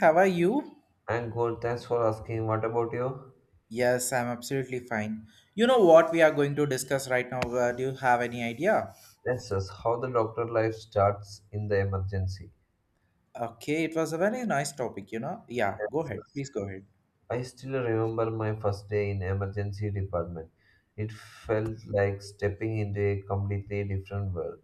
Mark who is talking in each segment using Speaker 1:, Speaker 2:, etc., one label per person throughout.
Speaker 1: How are you?
Speaker 2: I'm good. Thanks for asking. What about you?
Speaker 1: Yes, I'm absolutely fine. You know what we are going to discuss right now? Do you have any idea?
Speaker 2: Yes, yes. How the doctor life starts in the emergency.
Speaker 1: Okay, it was a very nice topic, you know? Yeah, go
Speaker 2: Yes,
Speaker 1: ahead.
Speaker 2: yes.
Speaker 1: Please go ahead.
Speaker 2: I still remember my first day in emergency department. It felt like stepping into a completely different world.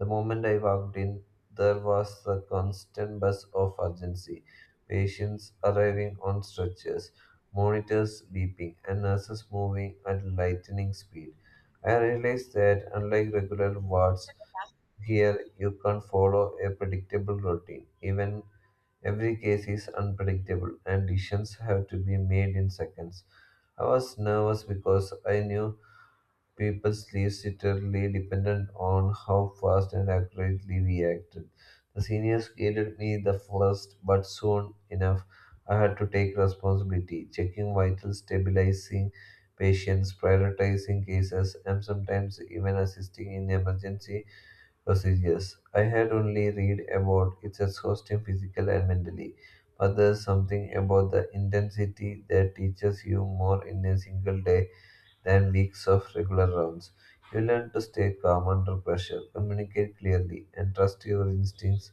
Speaker 2: The moment I walked in, there was the constant buzz of urgency. Patients arriving on stretchers, monitors beeping, and nurses moving at lightning speed. I realized that unlike regular wards, here, you can't follow a predictable routine. Even every case is unpredictable, and decisions have to be made in seconds. I was nervous because I knew people's lives literally depended on how fast and accurately we acted. The seniors guided me the first, but soon enough, I had to take responsibility, checking vital, stabilizing patients, prioritizing cases, and sometimes even assisting in emergency procedures. I had only read about it's exhausting physical and mentally, but there's something about the intensity that teaches you more in a single day than weeks of regular rounds. You learn to stay calm under pressure, communicate clearly, and trust your instincts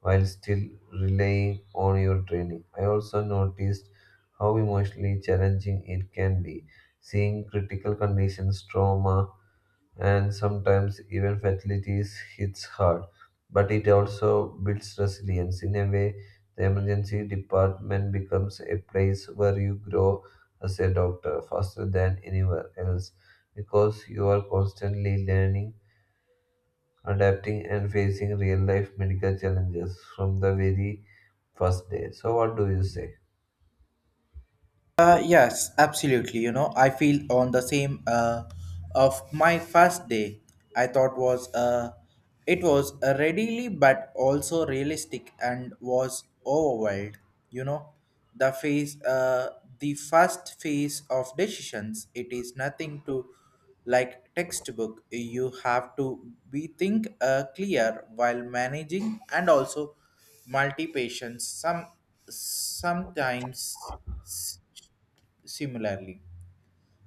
Speaker 2: while still relying on your training. I also noticed how emotionally challenging it can be. Seeing critical conditions, trauma, and sometimes even fatalities hits hard. But it also builds resilience. In a way, the emergency department becomes a place where you grow as a doctor faster than anywhere else because you are constantly learning, adapting, and facing real life medical challenges from the very first day. So, what do you say?
Speaker 1: Yes, absolutely. You know, I feel on the same of my first day. I thought was it was readily but also realistic and was overwhelmed. You know, the phase, the first phase of decisions. It is nothing to like textbook. You have to be think clear while managing and also multi patients. Sometimes similarly.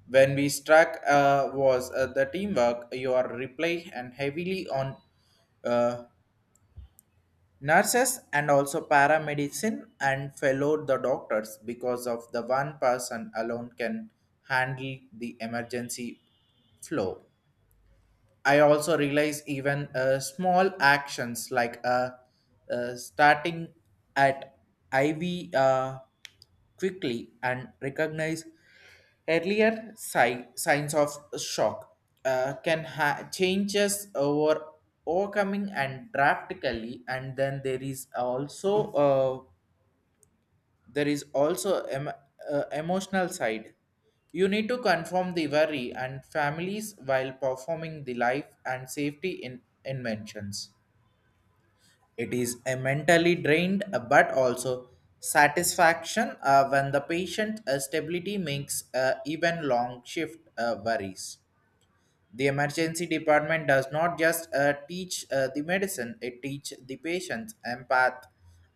Speaker 1: When we struck was the teamwork, your reply and heavily on uh, nurses and also paramedicine and fellow the doctors because of the one person alone can handle the emergency flow. I also realize even small actions like starting at IV quickly and recognize earlier signs of shock can changes over overcoming and drastically and then there is also emotional side. You need to confirm the worry and families while performing the life and safety in inventions. It is a mentally drained but also satisfaction when the patient stability makes even long shift worries. The emergency department does not just teach the medicine, it teaches the patient's empath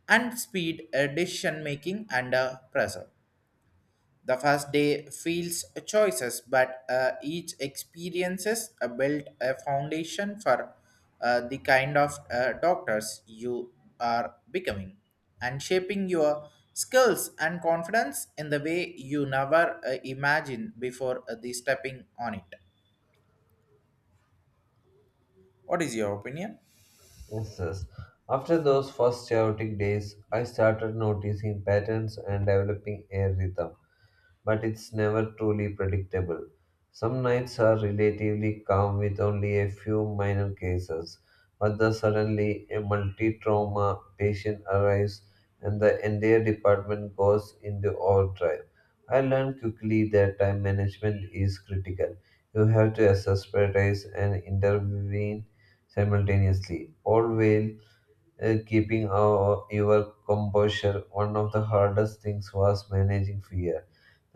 Speaker 1: and speed decision making under pressure. The first day feels choices, but each experiences built a foundation for the kind of doctors you are becoming and shaping your skills and confidence in the way you never imagined before the stepping on it. What is your opinion?
Speaker 2: Yes, yes. After those first chaotic days, I started noticing patterns and developing a rhythm, but it's never truly predictable. Some nights are relatively calm with only a few minor cases, but the suddenly a multi trauma patient arrives and the entire department goes into overdrive. I learned quickly that time management is critical. You have to assess, prioritize, and intervene simultaneously, all while keeping our, your composure. One of the hardest things was managing fear.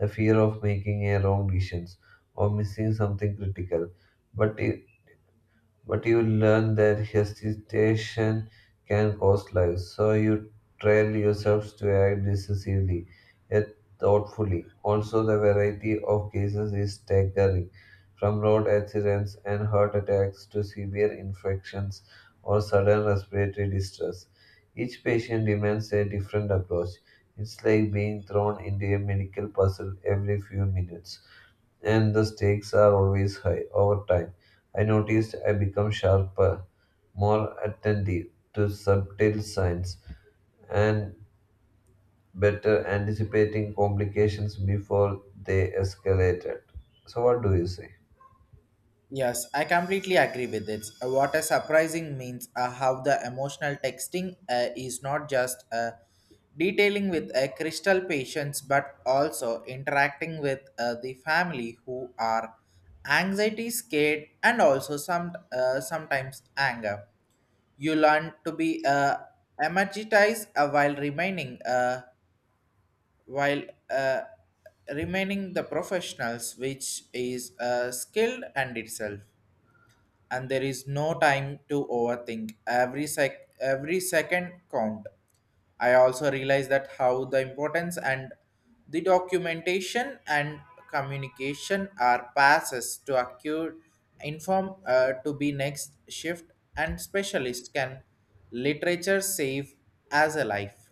Speaker 2: The fear of making a wrong decision or missing something critical. But it, but you learn that hesitation can cost lives, so you train yourselves to act decisively yet thoughtfully. Also, the variety of cases is staggering, from road accidents and heart attacks to severe infections or sudden respiratory distress. Each patient demands a different approach. It's like being thrown into a medical puzzle every few minutes, and the stakes are always high over time. I noticed I become sharper, more attentive to subtle signs, and better anticipating complications before they escalated. So, what do you say?
Speaker 1: Yes, I completely agree with it. What a surprising means how the emotional texting is not just detailing with a crystal patients but also interacting with the family who are anxiety, scared, and also sometimes anger. You learn to be energized while uh, remaining the professionals, which is skilled and itself and there is no time to overthink. Every second count. I also realize that how the importance and the documentation and communication are passes to acute inform to be next shift and specialist can literature save as a life.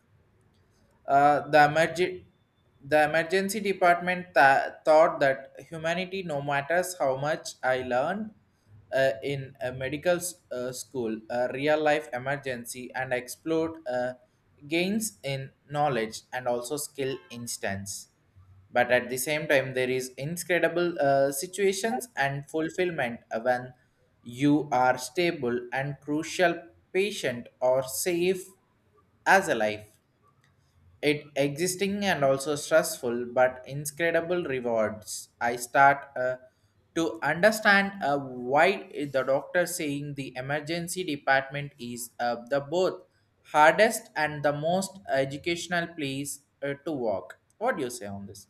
Speaker 1: Uh, the, emerg- the emergency department thought that humanity, no matters how much I learned in a medical school, a real life emergency, and explored gains in knowledge and also skill instance. But at the same time, there is incredible situations and fulfillment when you are stable and crucial patient or safe as a life. It existing and also stressful but incredible rewards. I start to understand why the doctor saying the emergency department is the both hardest and the most educational place to work. What do you say on this?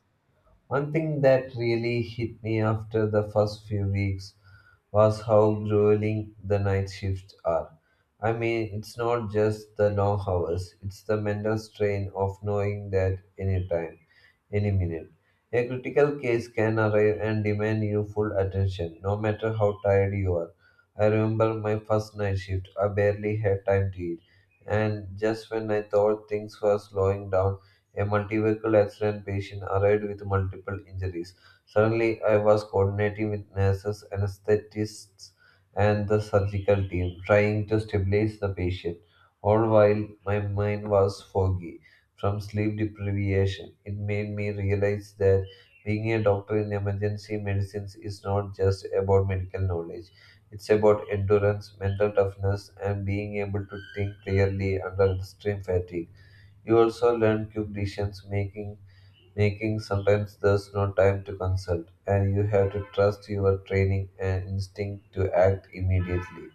Speaker 2: One thing that really hit me after the first few weeks was how grueling the night shifts are. I mean, it's not just the long hours, it's the mental strain of knowing that any time, any minute, a critical case can arrive and demand your full attention, no matter how tired you are. I remember my first night shift, I barely had time to eat, and just when I thought things were slowing down, a multi vehicle accident patient arrived with multiple injuries. Suddenly, I was coordinating with nurses, anesthetists, and the surgical team, trying to stabilize the patient. All while my mind was foggy from sleep deprivation, it made me realize that being a doctor in emergency medicines is not just about medical knowledge. It's about endurance, mental toughness, and being able to think clearly under extreme fatigue. You also learn quick decisions making, making sometimes there's no time to consult, and you have to trust your training and instinct to act immediately.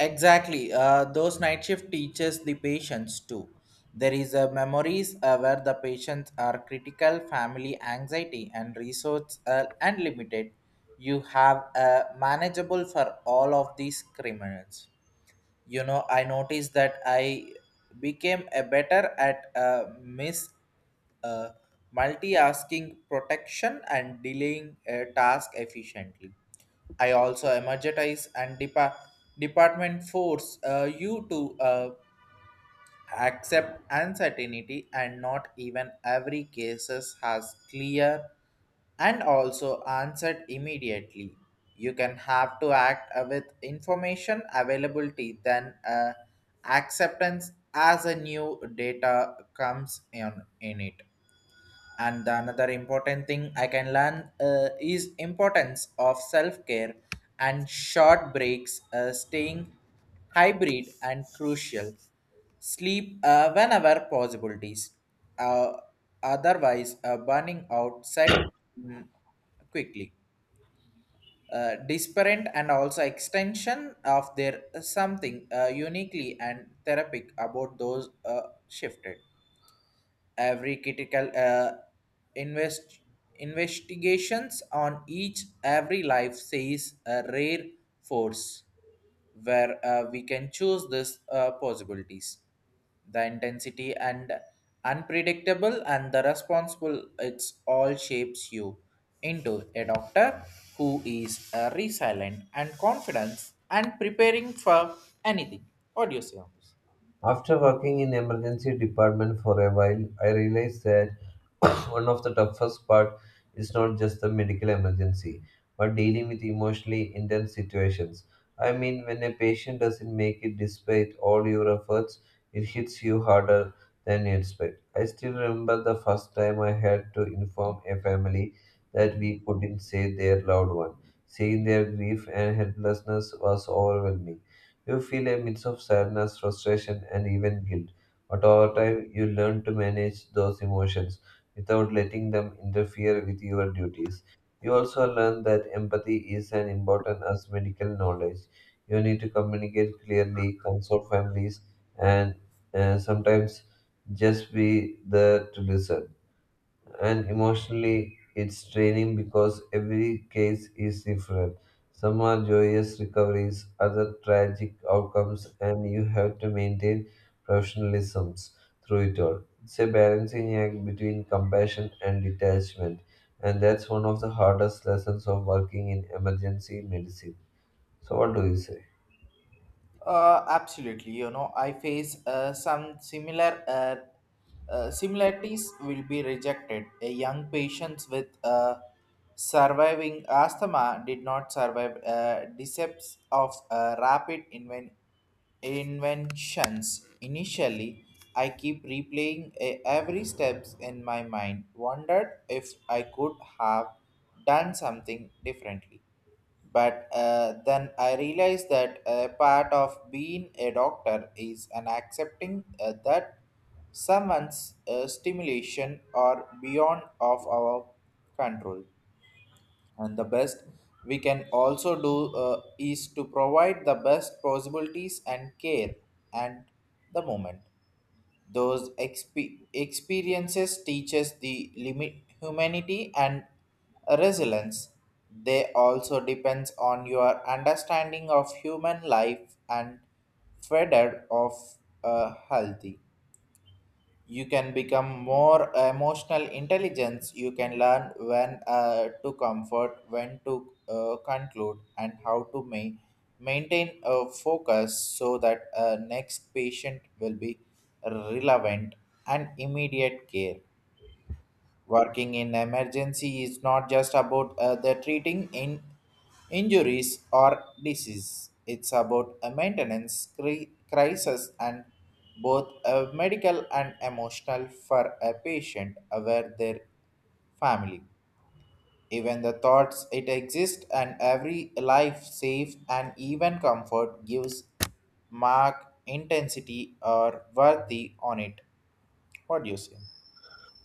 Speaker 1: Exactly. Those night shift teaches the patients too. There is a memories where the patients are critical, family anxiety, and resource unlimited. You have manageable for all of these criminals. You know, I noticed that I became a better at miss uh, multi-asking protection and delaying a task efficiently. I also emergetize and department force you to accept uncertainty and not even every cases has clear and also answered immediately. You can have to act with information availability then acceptance as a new data comes in it and the another important thing I can learn is importance of self-care and short breaks staying hybrid and crucial sleep whenever possibilities uh, otherwise burning out set mm, quickly disparate and also extension of their something uniquely and therapeutic about those shifted every critical invest investigations on each every life says a rare force where we can choose this possibilities the intensity and unpredictable and the responsible it's all shapes you into a doctor who is resilient and confident and preparing for anything. What do you say on this?
Speaker 2: After working in emergency department for a while, I realized that one of the toughest part is not just the medical emergency, but dealing with emotionally intense situations. I mean, when a patient doesn't make it despite all your efforts, it hits you harder than you expect. I still remember the first time I had to inform a family that we couldn't save their loved one. Seeing their grief and helplessness was overwhelming. You feel a mix of sadness, frustration, and even guilt. But over time, you learn to manage those emotions without letting them interfere with your duties. You also learn that empathy is as important as medical knowledge. You need to communicate clearly, consult families, and sometimes just be there to listen, and emotionally it's draining because every case is different. Some are joyous recoveries, other tragic outcomes, and you have to maintain professionalism through it all. It's a balancing act between compassion and detachment, and that's one of the hardest lessons of working in emergency medicine. So, what do you say?
Speaker 1: Absolutely. You know, I face some similarities will be rejected. A young patients with surviving asthma did not survive decepts of rapid inventions. Initially, I keep replaying every steps in my mind. Wondered if I could have done something differently. But then I realized that a part of being a doctor is an accepting that someone's stimulation are beyond of our control. And the best we can also do is to provide the best possibilities and care and the moment. Those experiences teaches the limit humanity and resilience. They also depends on your understanding of human life and further of a healthy you can become more emotional intelligence. You can learn when to comfort when to conclude and how to maintain a focus so that next patient will be relevant and immediate care. Working in emergency is not just about the treating in injuries or disease. It's about a maintenance crisis and both medical and emotional for a patient aware their family. Even the thoughts it exists and every life safe and even comfort gives mark intensity or worthy on it. What do you say?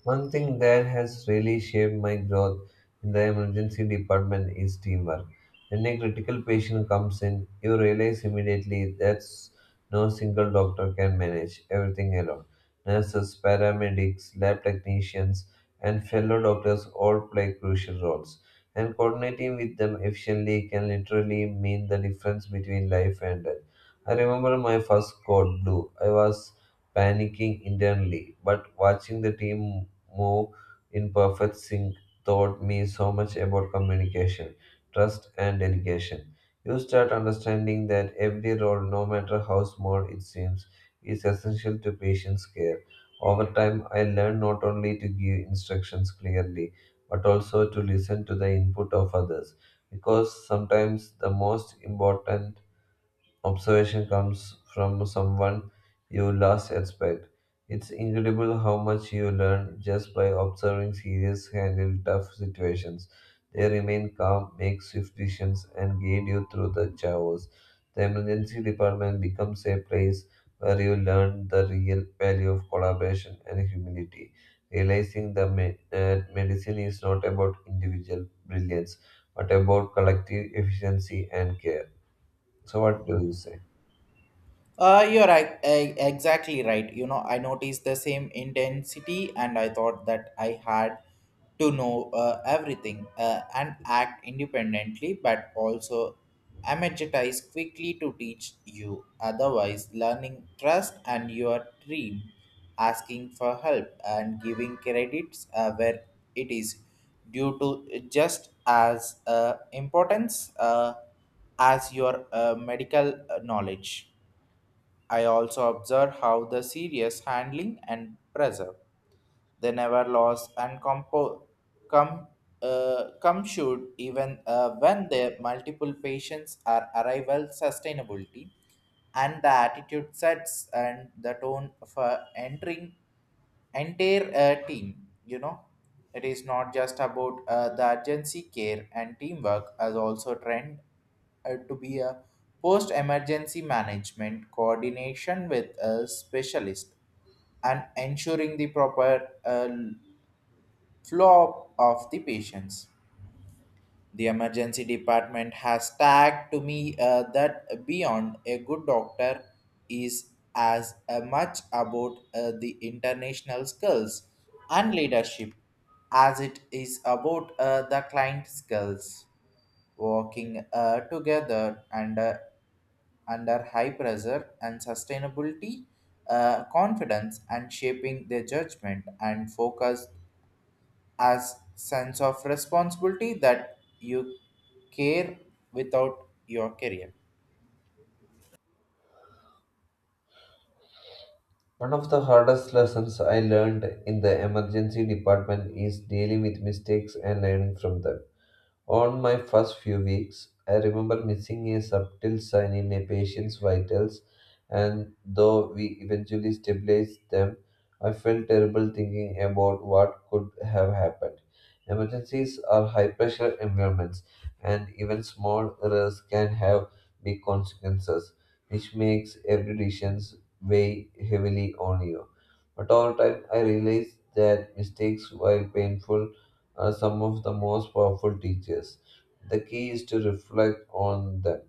Speaker 2: One thing that has really shaped my growth in the emergency department is teamwork. When a critical patient comes in, you realize immediately that no single doctor can manage everything alone. Nurses, paramedics, lab technicians, and fellow doctors all play crucial roles, and coordinating with them efficiently can literally mean the difference between life and death. I remember my first code blue. I was panicking internally, but watching the team move in perfect sync taught me so much about communication, trust, and delegation. You start understanding that every role, no matter how small it seems, is essential to patient's care. Over time, I learned not only to give instructions clearly, but also to listen to the input of others, because sometimes the most important observation comes from someone you last expect. It's incredible how much you learn just by observing serious handle tough situations. They remain calm, make swift decisions, and guide you through the chaos. The emergency department becomes a place where you learn the real value of collaboration and humility, realizing that that medicine is not about individual brilliance, but about collective efficiency and care. So, what do you say?
Speaker 1: You're exactly right. You know, I noticed the same intensity, and I thought that I had to know everything and act independently, but also energize quickly to teach you. Otherwise, learning trust and your dream, asking for help, and giving credits where it is due to just as importance as your medical knowledge. I also observe how the serious handling and preserve; they never lost and come come should even when the multiple patients are arrival sustainability and the attitude sets and the tone for entering entire team. You know, it is not just about the urgency care and teamwork as also trend to be a post emergency management coordination with a specialist and ensuring the proper flow of the patients. The emergency department has tagged to me that beyond a good doctor is as much about the international skills and leadership as it is about the client skills. Working together and under high pressure and sustainability, confidence, and shaping their judgment and focus as sense of responsibility that you care without your career.
Speaker 2: One of the hardest lessons I learned in the emergency department is dealing with mistakes and learning from them. On my first few weeks, I remember missing a subtle sign in a patient's vitals, and though we eventually stabilized them, I felt terrible thinking about what could have happened. Emergencies are high pressure environments, and even small errors can have big consequences, which makes every decision weigh heavily on you. But over time, I realized that mistakes, while painful, are some of the most powerful teachers. The key is to reflect on them,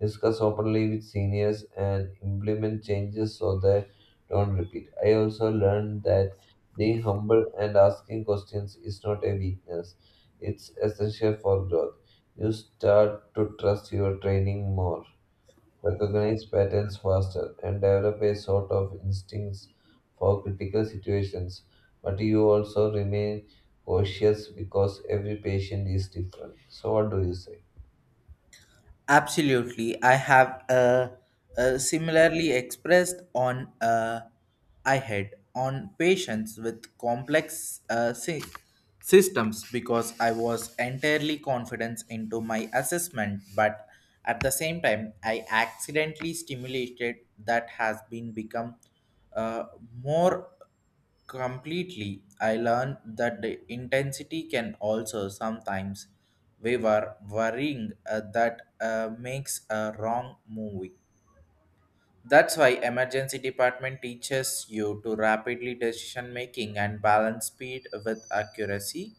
Speaker 2: discuss openly with seniors, and implement changes so they don't repeat. I also learned that being humble and asking questions is not a weakness, it's essential for growth. You start to trust your training more, recognize patterns faster, and develop a sort of instincts for critical situations. But you also remain cautious because every patient is different. So, what do you say?
Speaker 1: Absolutely. I have similarly expressed on I had on patients with complex systems because I was entirely confident into my assessment, but at the same time, I accidentally stimulated that has been become uh, more completely. I learned that the intensity can also sometimes we were worrying that makes a wrong movie. That's why emergency department teaches you to rapidly decision making and balance speed with accuracy.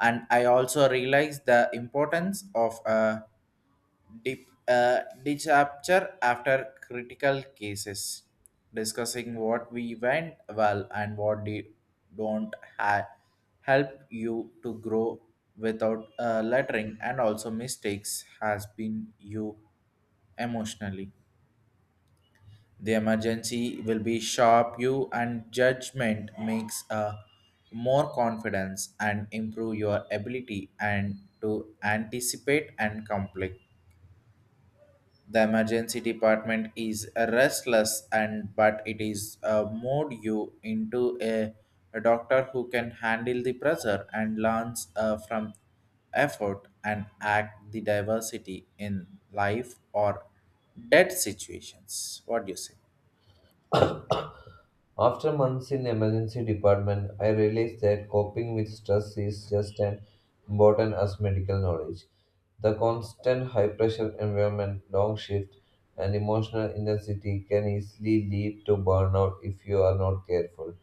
Speaker 1: And I also realized the importance of a disaster after critical cases, discussing what we went well and what we don't ha- help you to grow without lettering and also mistakes has been you emotionally. The emergency will be sharp you and judgment makes a more confidence and improve your ability and to anticipate and conflict the emergency department is restless and but it is mode you into a doctor who can handle the pressure and learns from effort and act the diversity in life or death situations. What do you say?
Speaker 2: After months in emergency department, I realized that coping with stress is just as important as medical knowledge. The constant high pressure environment, long shift, and emotional intensity can easily lead to burnout if you are not careful.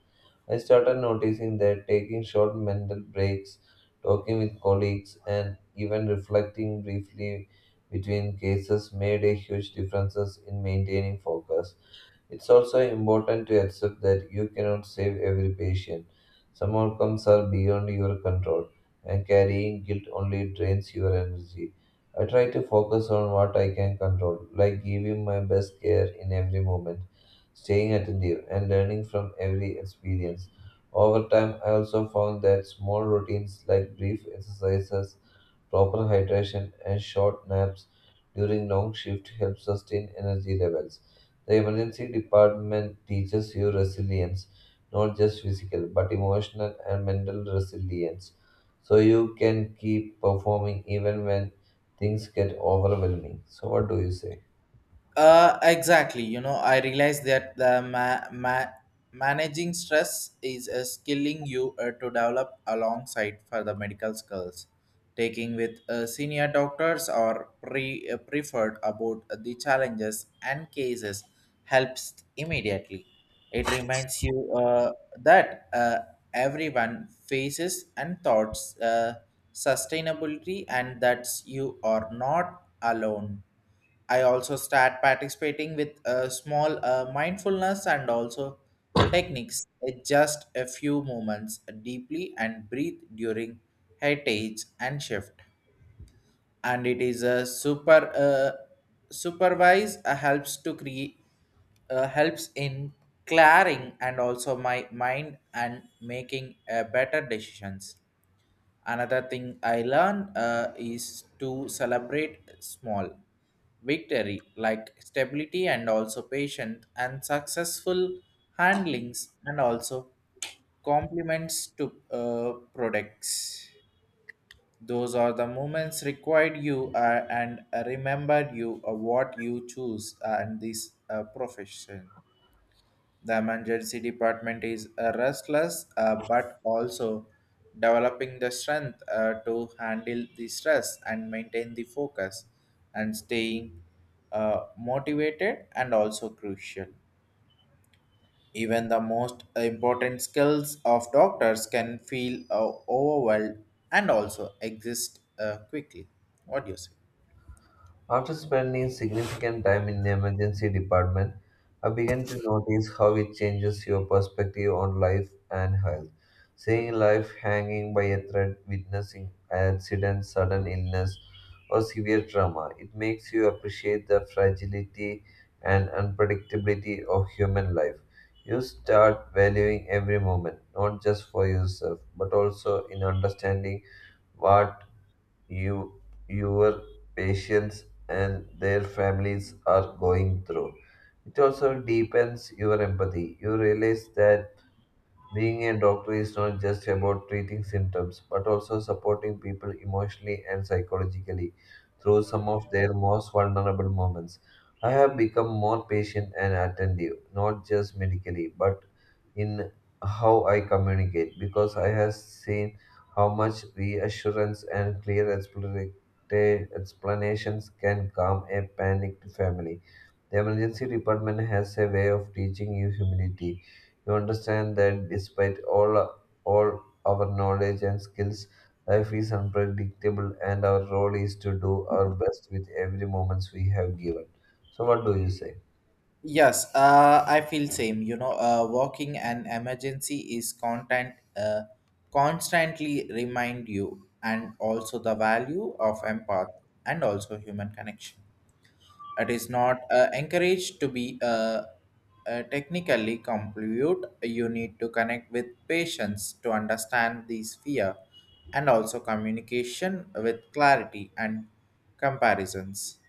Speaker 2: I started noticing that taking short mental breaks, talking with colleagues, and even reflecting briefly between cases made a huge difference in maintaining focus. It's also important to accept that you cannot save every patient. Some outcomes are beyond your control, and carrying guilt only drains your energy. I try to focus on what I can control, like giving my best care in every moment, staying attentive, and learning from every experience. Over time, I also found that small routines like brief exercises, proper hydration and short naps during long shift help sustain energy levels. The emergency department teaches you resilience, not just physical, but emotional and mental resilience. So you can keep performing even when things get overwhelming. So what do you say?
Speaker 1: Exactly. You know, I realize that the managing stress is a skilling you to develop alongside for the medical skills. Taking with senior doctors or preferred about the challenges and cases helps immediately. It reminds you that everyone faces and thoughts sustainability and that you are not alone. I also start participating with small mindfulness and also techniques. It's just a few moments deeply and breathe during heritage and shift. And it is a super supervise helps to create helps in clearing and also my mind and making better decisions. Another thing I learned is to celebrate small victory like stability and also patient and successful handlings and also compliments to products. Those are the moments required you and remembered you what you choose and this profession. The emergency department is restless but also developing the strength to handle the stress and maintain the focus and staying motivated and also crucial. Even the most important skills of doctors can feel overwhelmed and also exist quickly. What do you say?
Speaker 2: After spending significant time in the emergency department, I began to notice how it changes your perspective on life and health. Seeing life hanging by a thread, witnessing accidents, sudden illness, or severe trauma, it makes you appreciate the fragility and unpredictability of human life. You start valuing every moment, not just for yourself, but also in understanding what you your patients and their families are going through. It also deepens your empathy. You realize that being a doctor is not just about treating symptoms, but also supporting people emotionally and psychologically through some of their most vulnerable moments. I have become more patient and attentive, not just medically, but in how I communicate, because I have seen how much reassurance and clear explanations can calm a panicked family. The emergency department has a way of teaching you humility. You understand that despite all our knowledge and skills, life is unpredictable and our role is to do our best with every moments we have given. So what do you say?
Speaker 1: Yes, I feel same. You know, walking an emergency is content constantly remind you and also the value of empath and also human connection. It is not encouraged to be technically complete. You need to connect with patients to understand these fear and also communication with clarity and comparisons.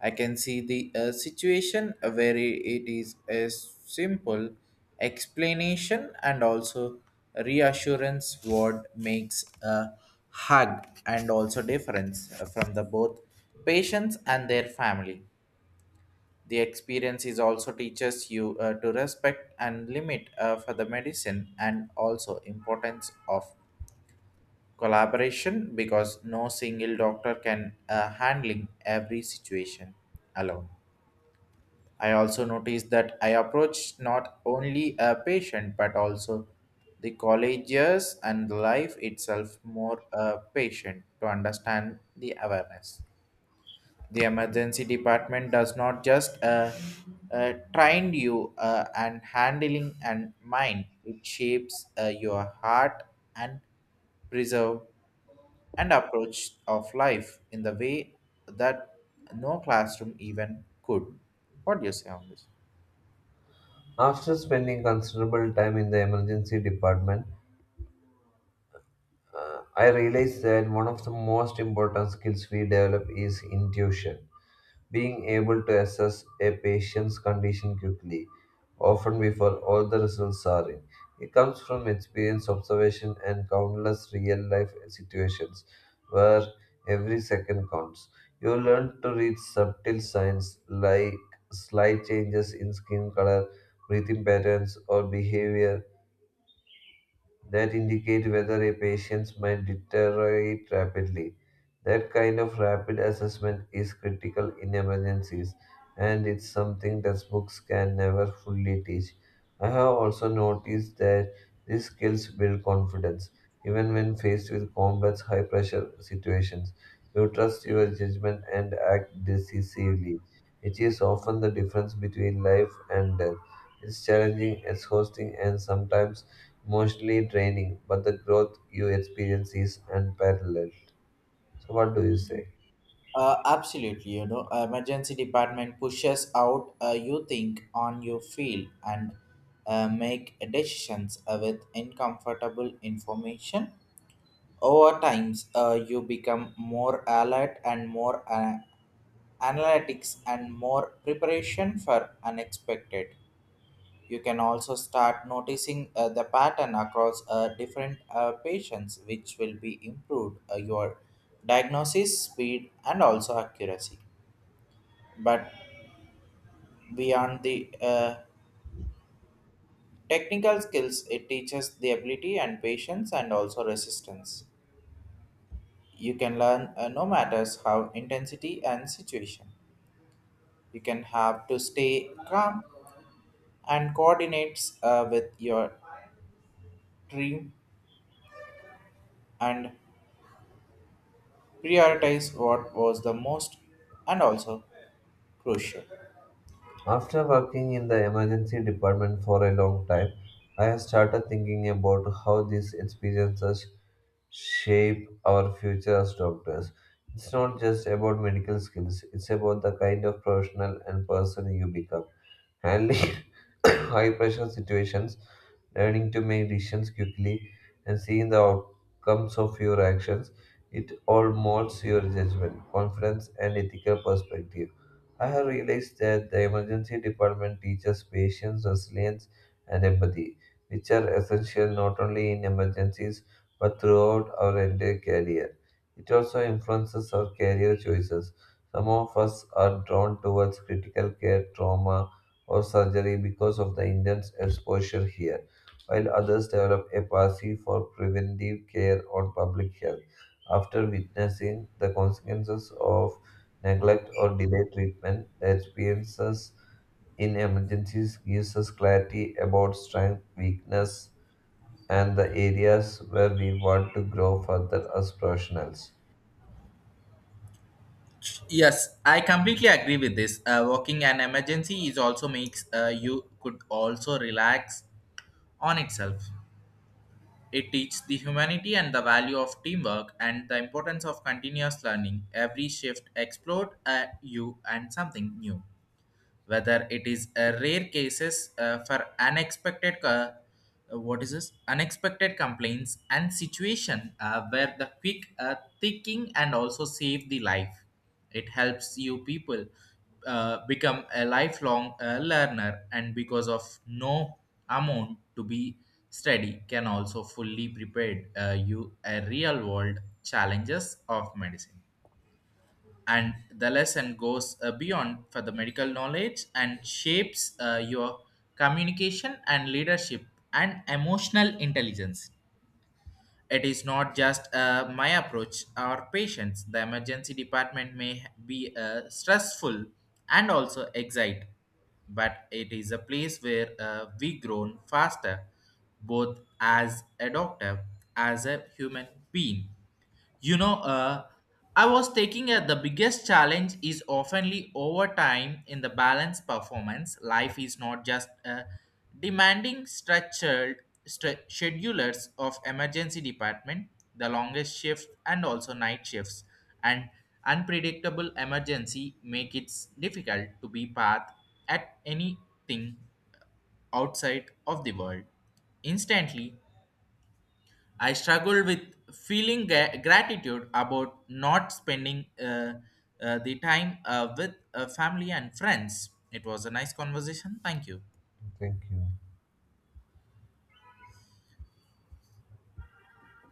Speaker 1: I can see the situation where it is a simple explanation and also reassurance word makes a hug and also difference from the both patients and their family. The experience is also teaches you to respect and limit for the medicine and also importance of collaboration because no single doctor can handling every situation alone. I also noticed that I approach not only a patient but also the colleges and life itself more patient to understand the awareness. The emergency department does not just train you and handling and mind. It shapes your heart and preserve and approach of life in the way that no classroom even could. What do you say on this?
Speaker 2: After spending considerable time in the emergency department, I realized that one of the most important skills we develop is intuition, being able to assess a patient's condition quickly, often before all the results are in. It comes from experience, observation, and countless real life situations where every second counts. You learn to read subtle signs like slight changes in skin color, breathing patterns, or behavior that indicate whether a patient might deteriorate rapidly. That kind of rapid assessment is critical in emergencies, and it's something textbooks can never fully teach. I have also noticed that these skills build confidence. Even when faced with complex, high pressure situations, you trust your judgment and act decisively. It is often the difference between life and death. It's challenging, exhausting, and sometimes emotionally draining, but the growth you experience is unparalleled. So, what do you say?
Speaker 1: Absolutely, you know, emergency department pushes out you think on your field and make decisions with uncomfortable information. Over times, you become more alert and more analytics and more preparation for unexpected. You can also start noticing the pattern across different patients, which will be improved your diagnosis speed and also accuracy. But beyond the technical skills, it teaches the ability and patience and also resistance. You can learn no matters how intensity and situation you can have to stay calm and coordinates with your team and prioritize what was the most and also crucial.
Speaker 2: After working in the emergency department for a long time, I have started thinking about how these experiences shape our future as doctors. It's not just about medical skills, it's about the kind of professional and person you become. Handling high pressure situations, learning to make decisions quickly, and seeing the outcomes of your actions. It all molds your judgment, confidence, and ethical perspective. I have realized that the emergency department teaches patience, resilience, and empathy, which are essential not only in emergencies but throughout our entire career. It also influences our career choices. Some of us are drawn towards critical care, trauma, or surgery because of the intense exposure here, while others develop a passion for preventive care or public health after witnessing the consequences of neglect or delayed treatment. The experiences in emergencies gives us clarity about strength, weakness, and the areas where we want to grow further as professionals.
Speaker 1: Yes, I completely agree with this. Working an emergency is also makes you could also relax on itself. It teaches the humanity and the value of teamwork and the importance of continuous learning. Every shift explored you and something new, whether it is a rare cases for unexpected what is this unexpected complaints and situation where the quick thinking and also save the life. It helps you people become a lifelong learner and because of no amount to be study can also fully prepared you a real world challenges of medicine and the lesson goes beyond for the medical knowledge and shapes your communication and leadership and emotional intelligence. It is not just my approach our patients the emergency department may be stressful and also excite but it is a place where we grown faster both as a doctor as a human being. You know, I was taking that the biggest challenge is oftenly overtime in the balance performance. Life is not just demanding structured schedulers of emergency department, the longest shifts and also night shifts, and unpredictable emergency make it difficult to be path at anything outside of the world. Instantly, I struggled with feeling gratitude about not spending the time with family and friends. It was a nice conversation. Thank you.
Speaker 2: Thank you.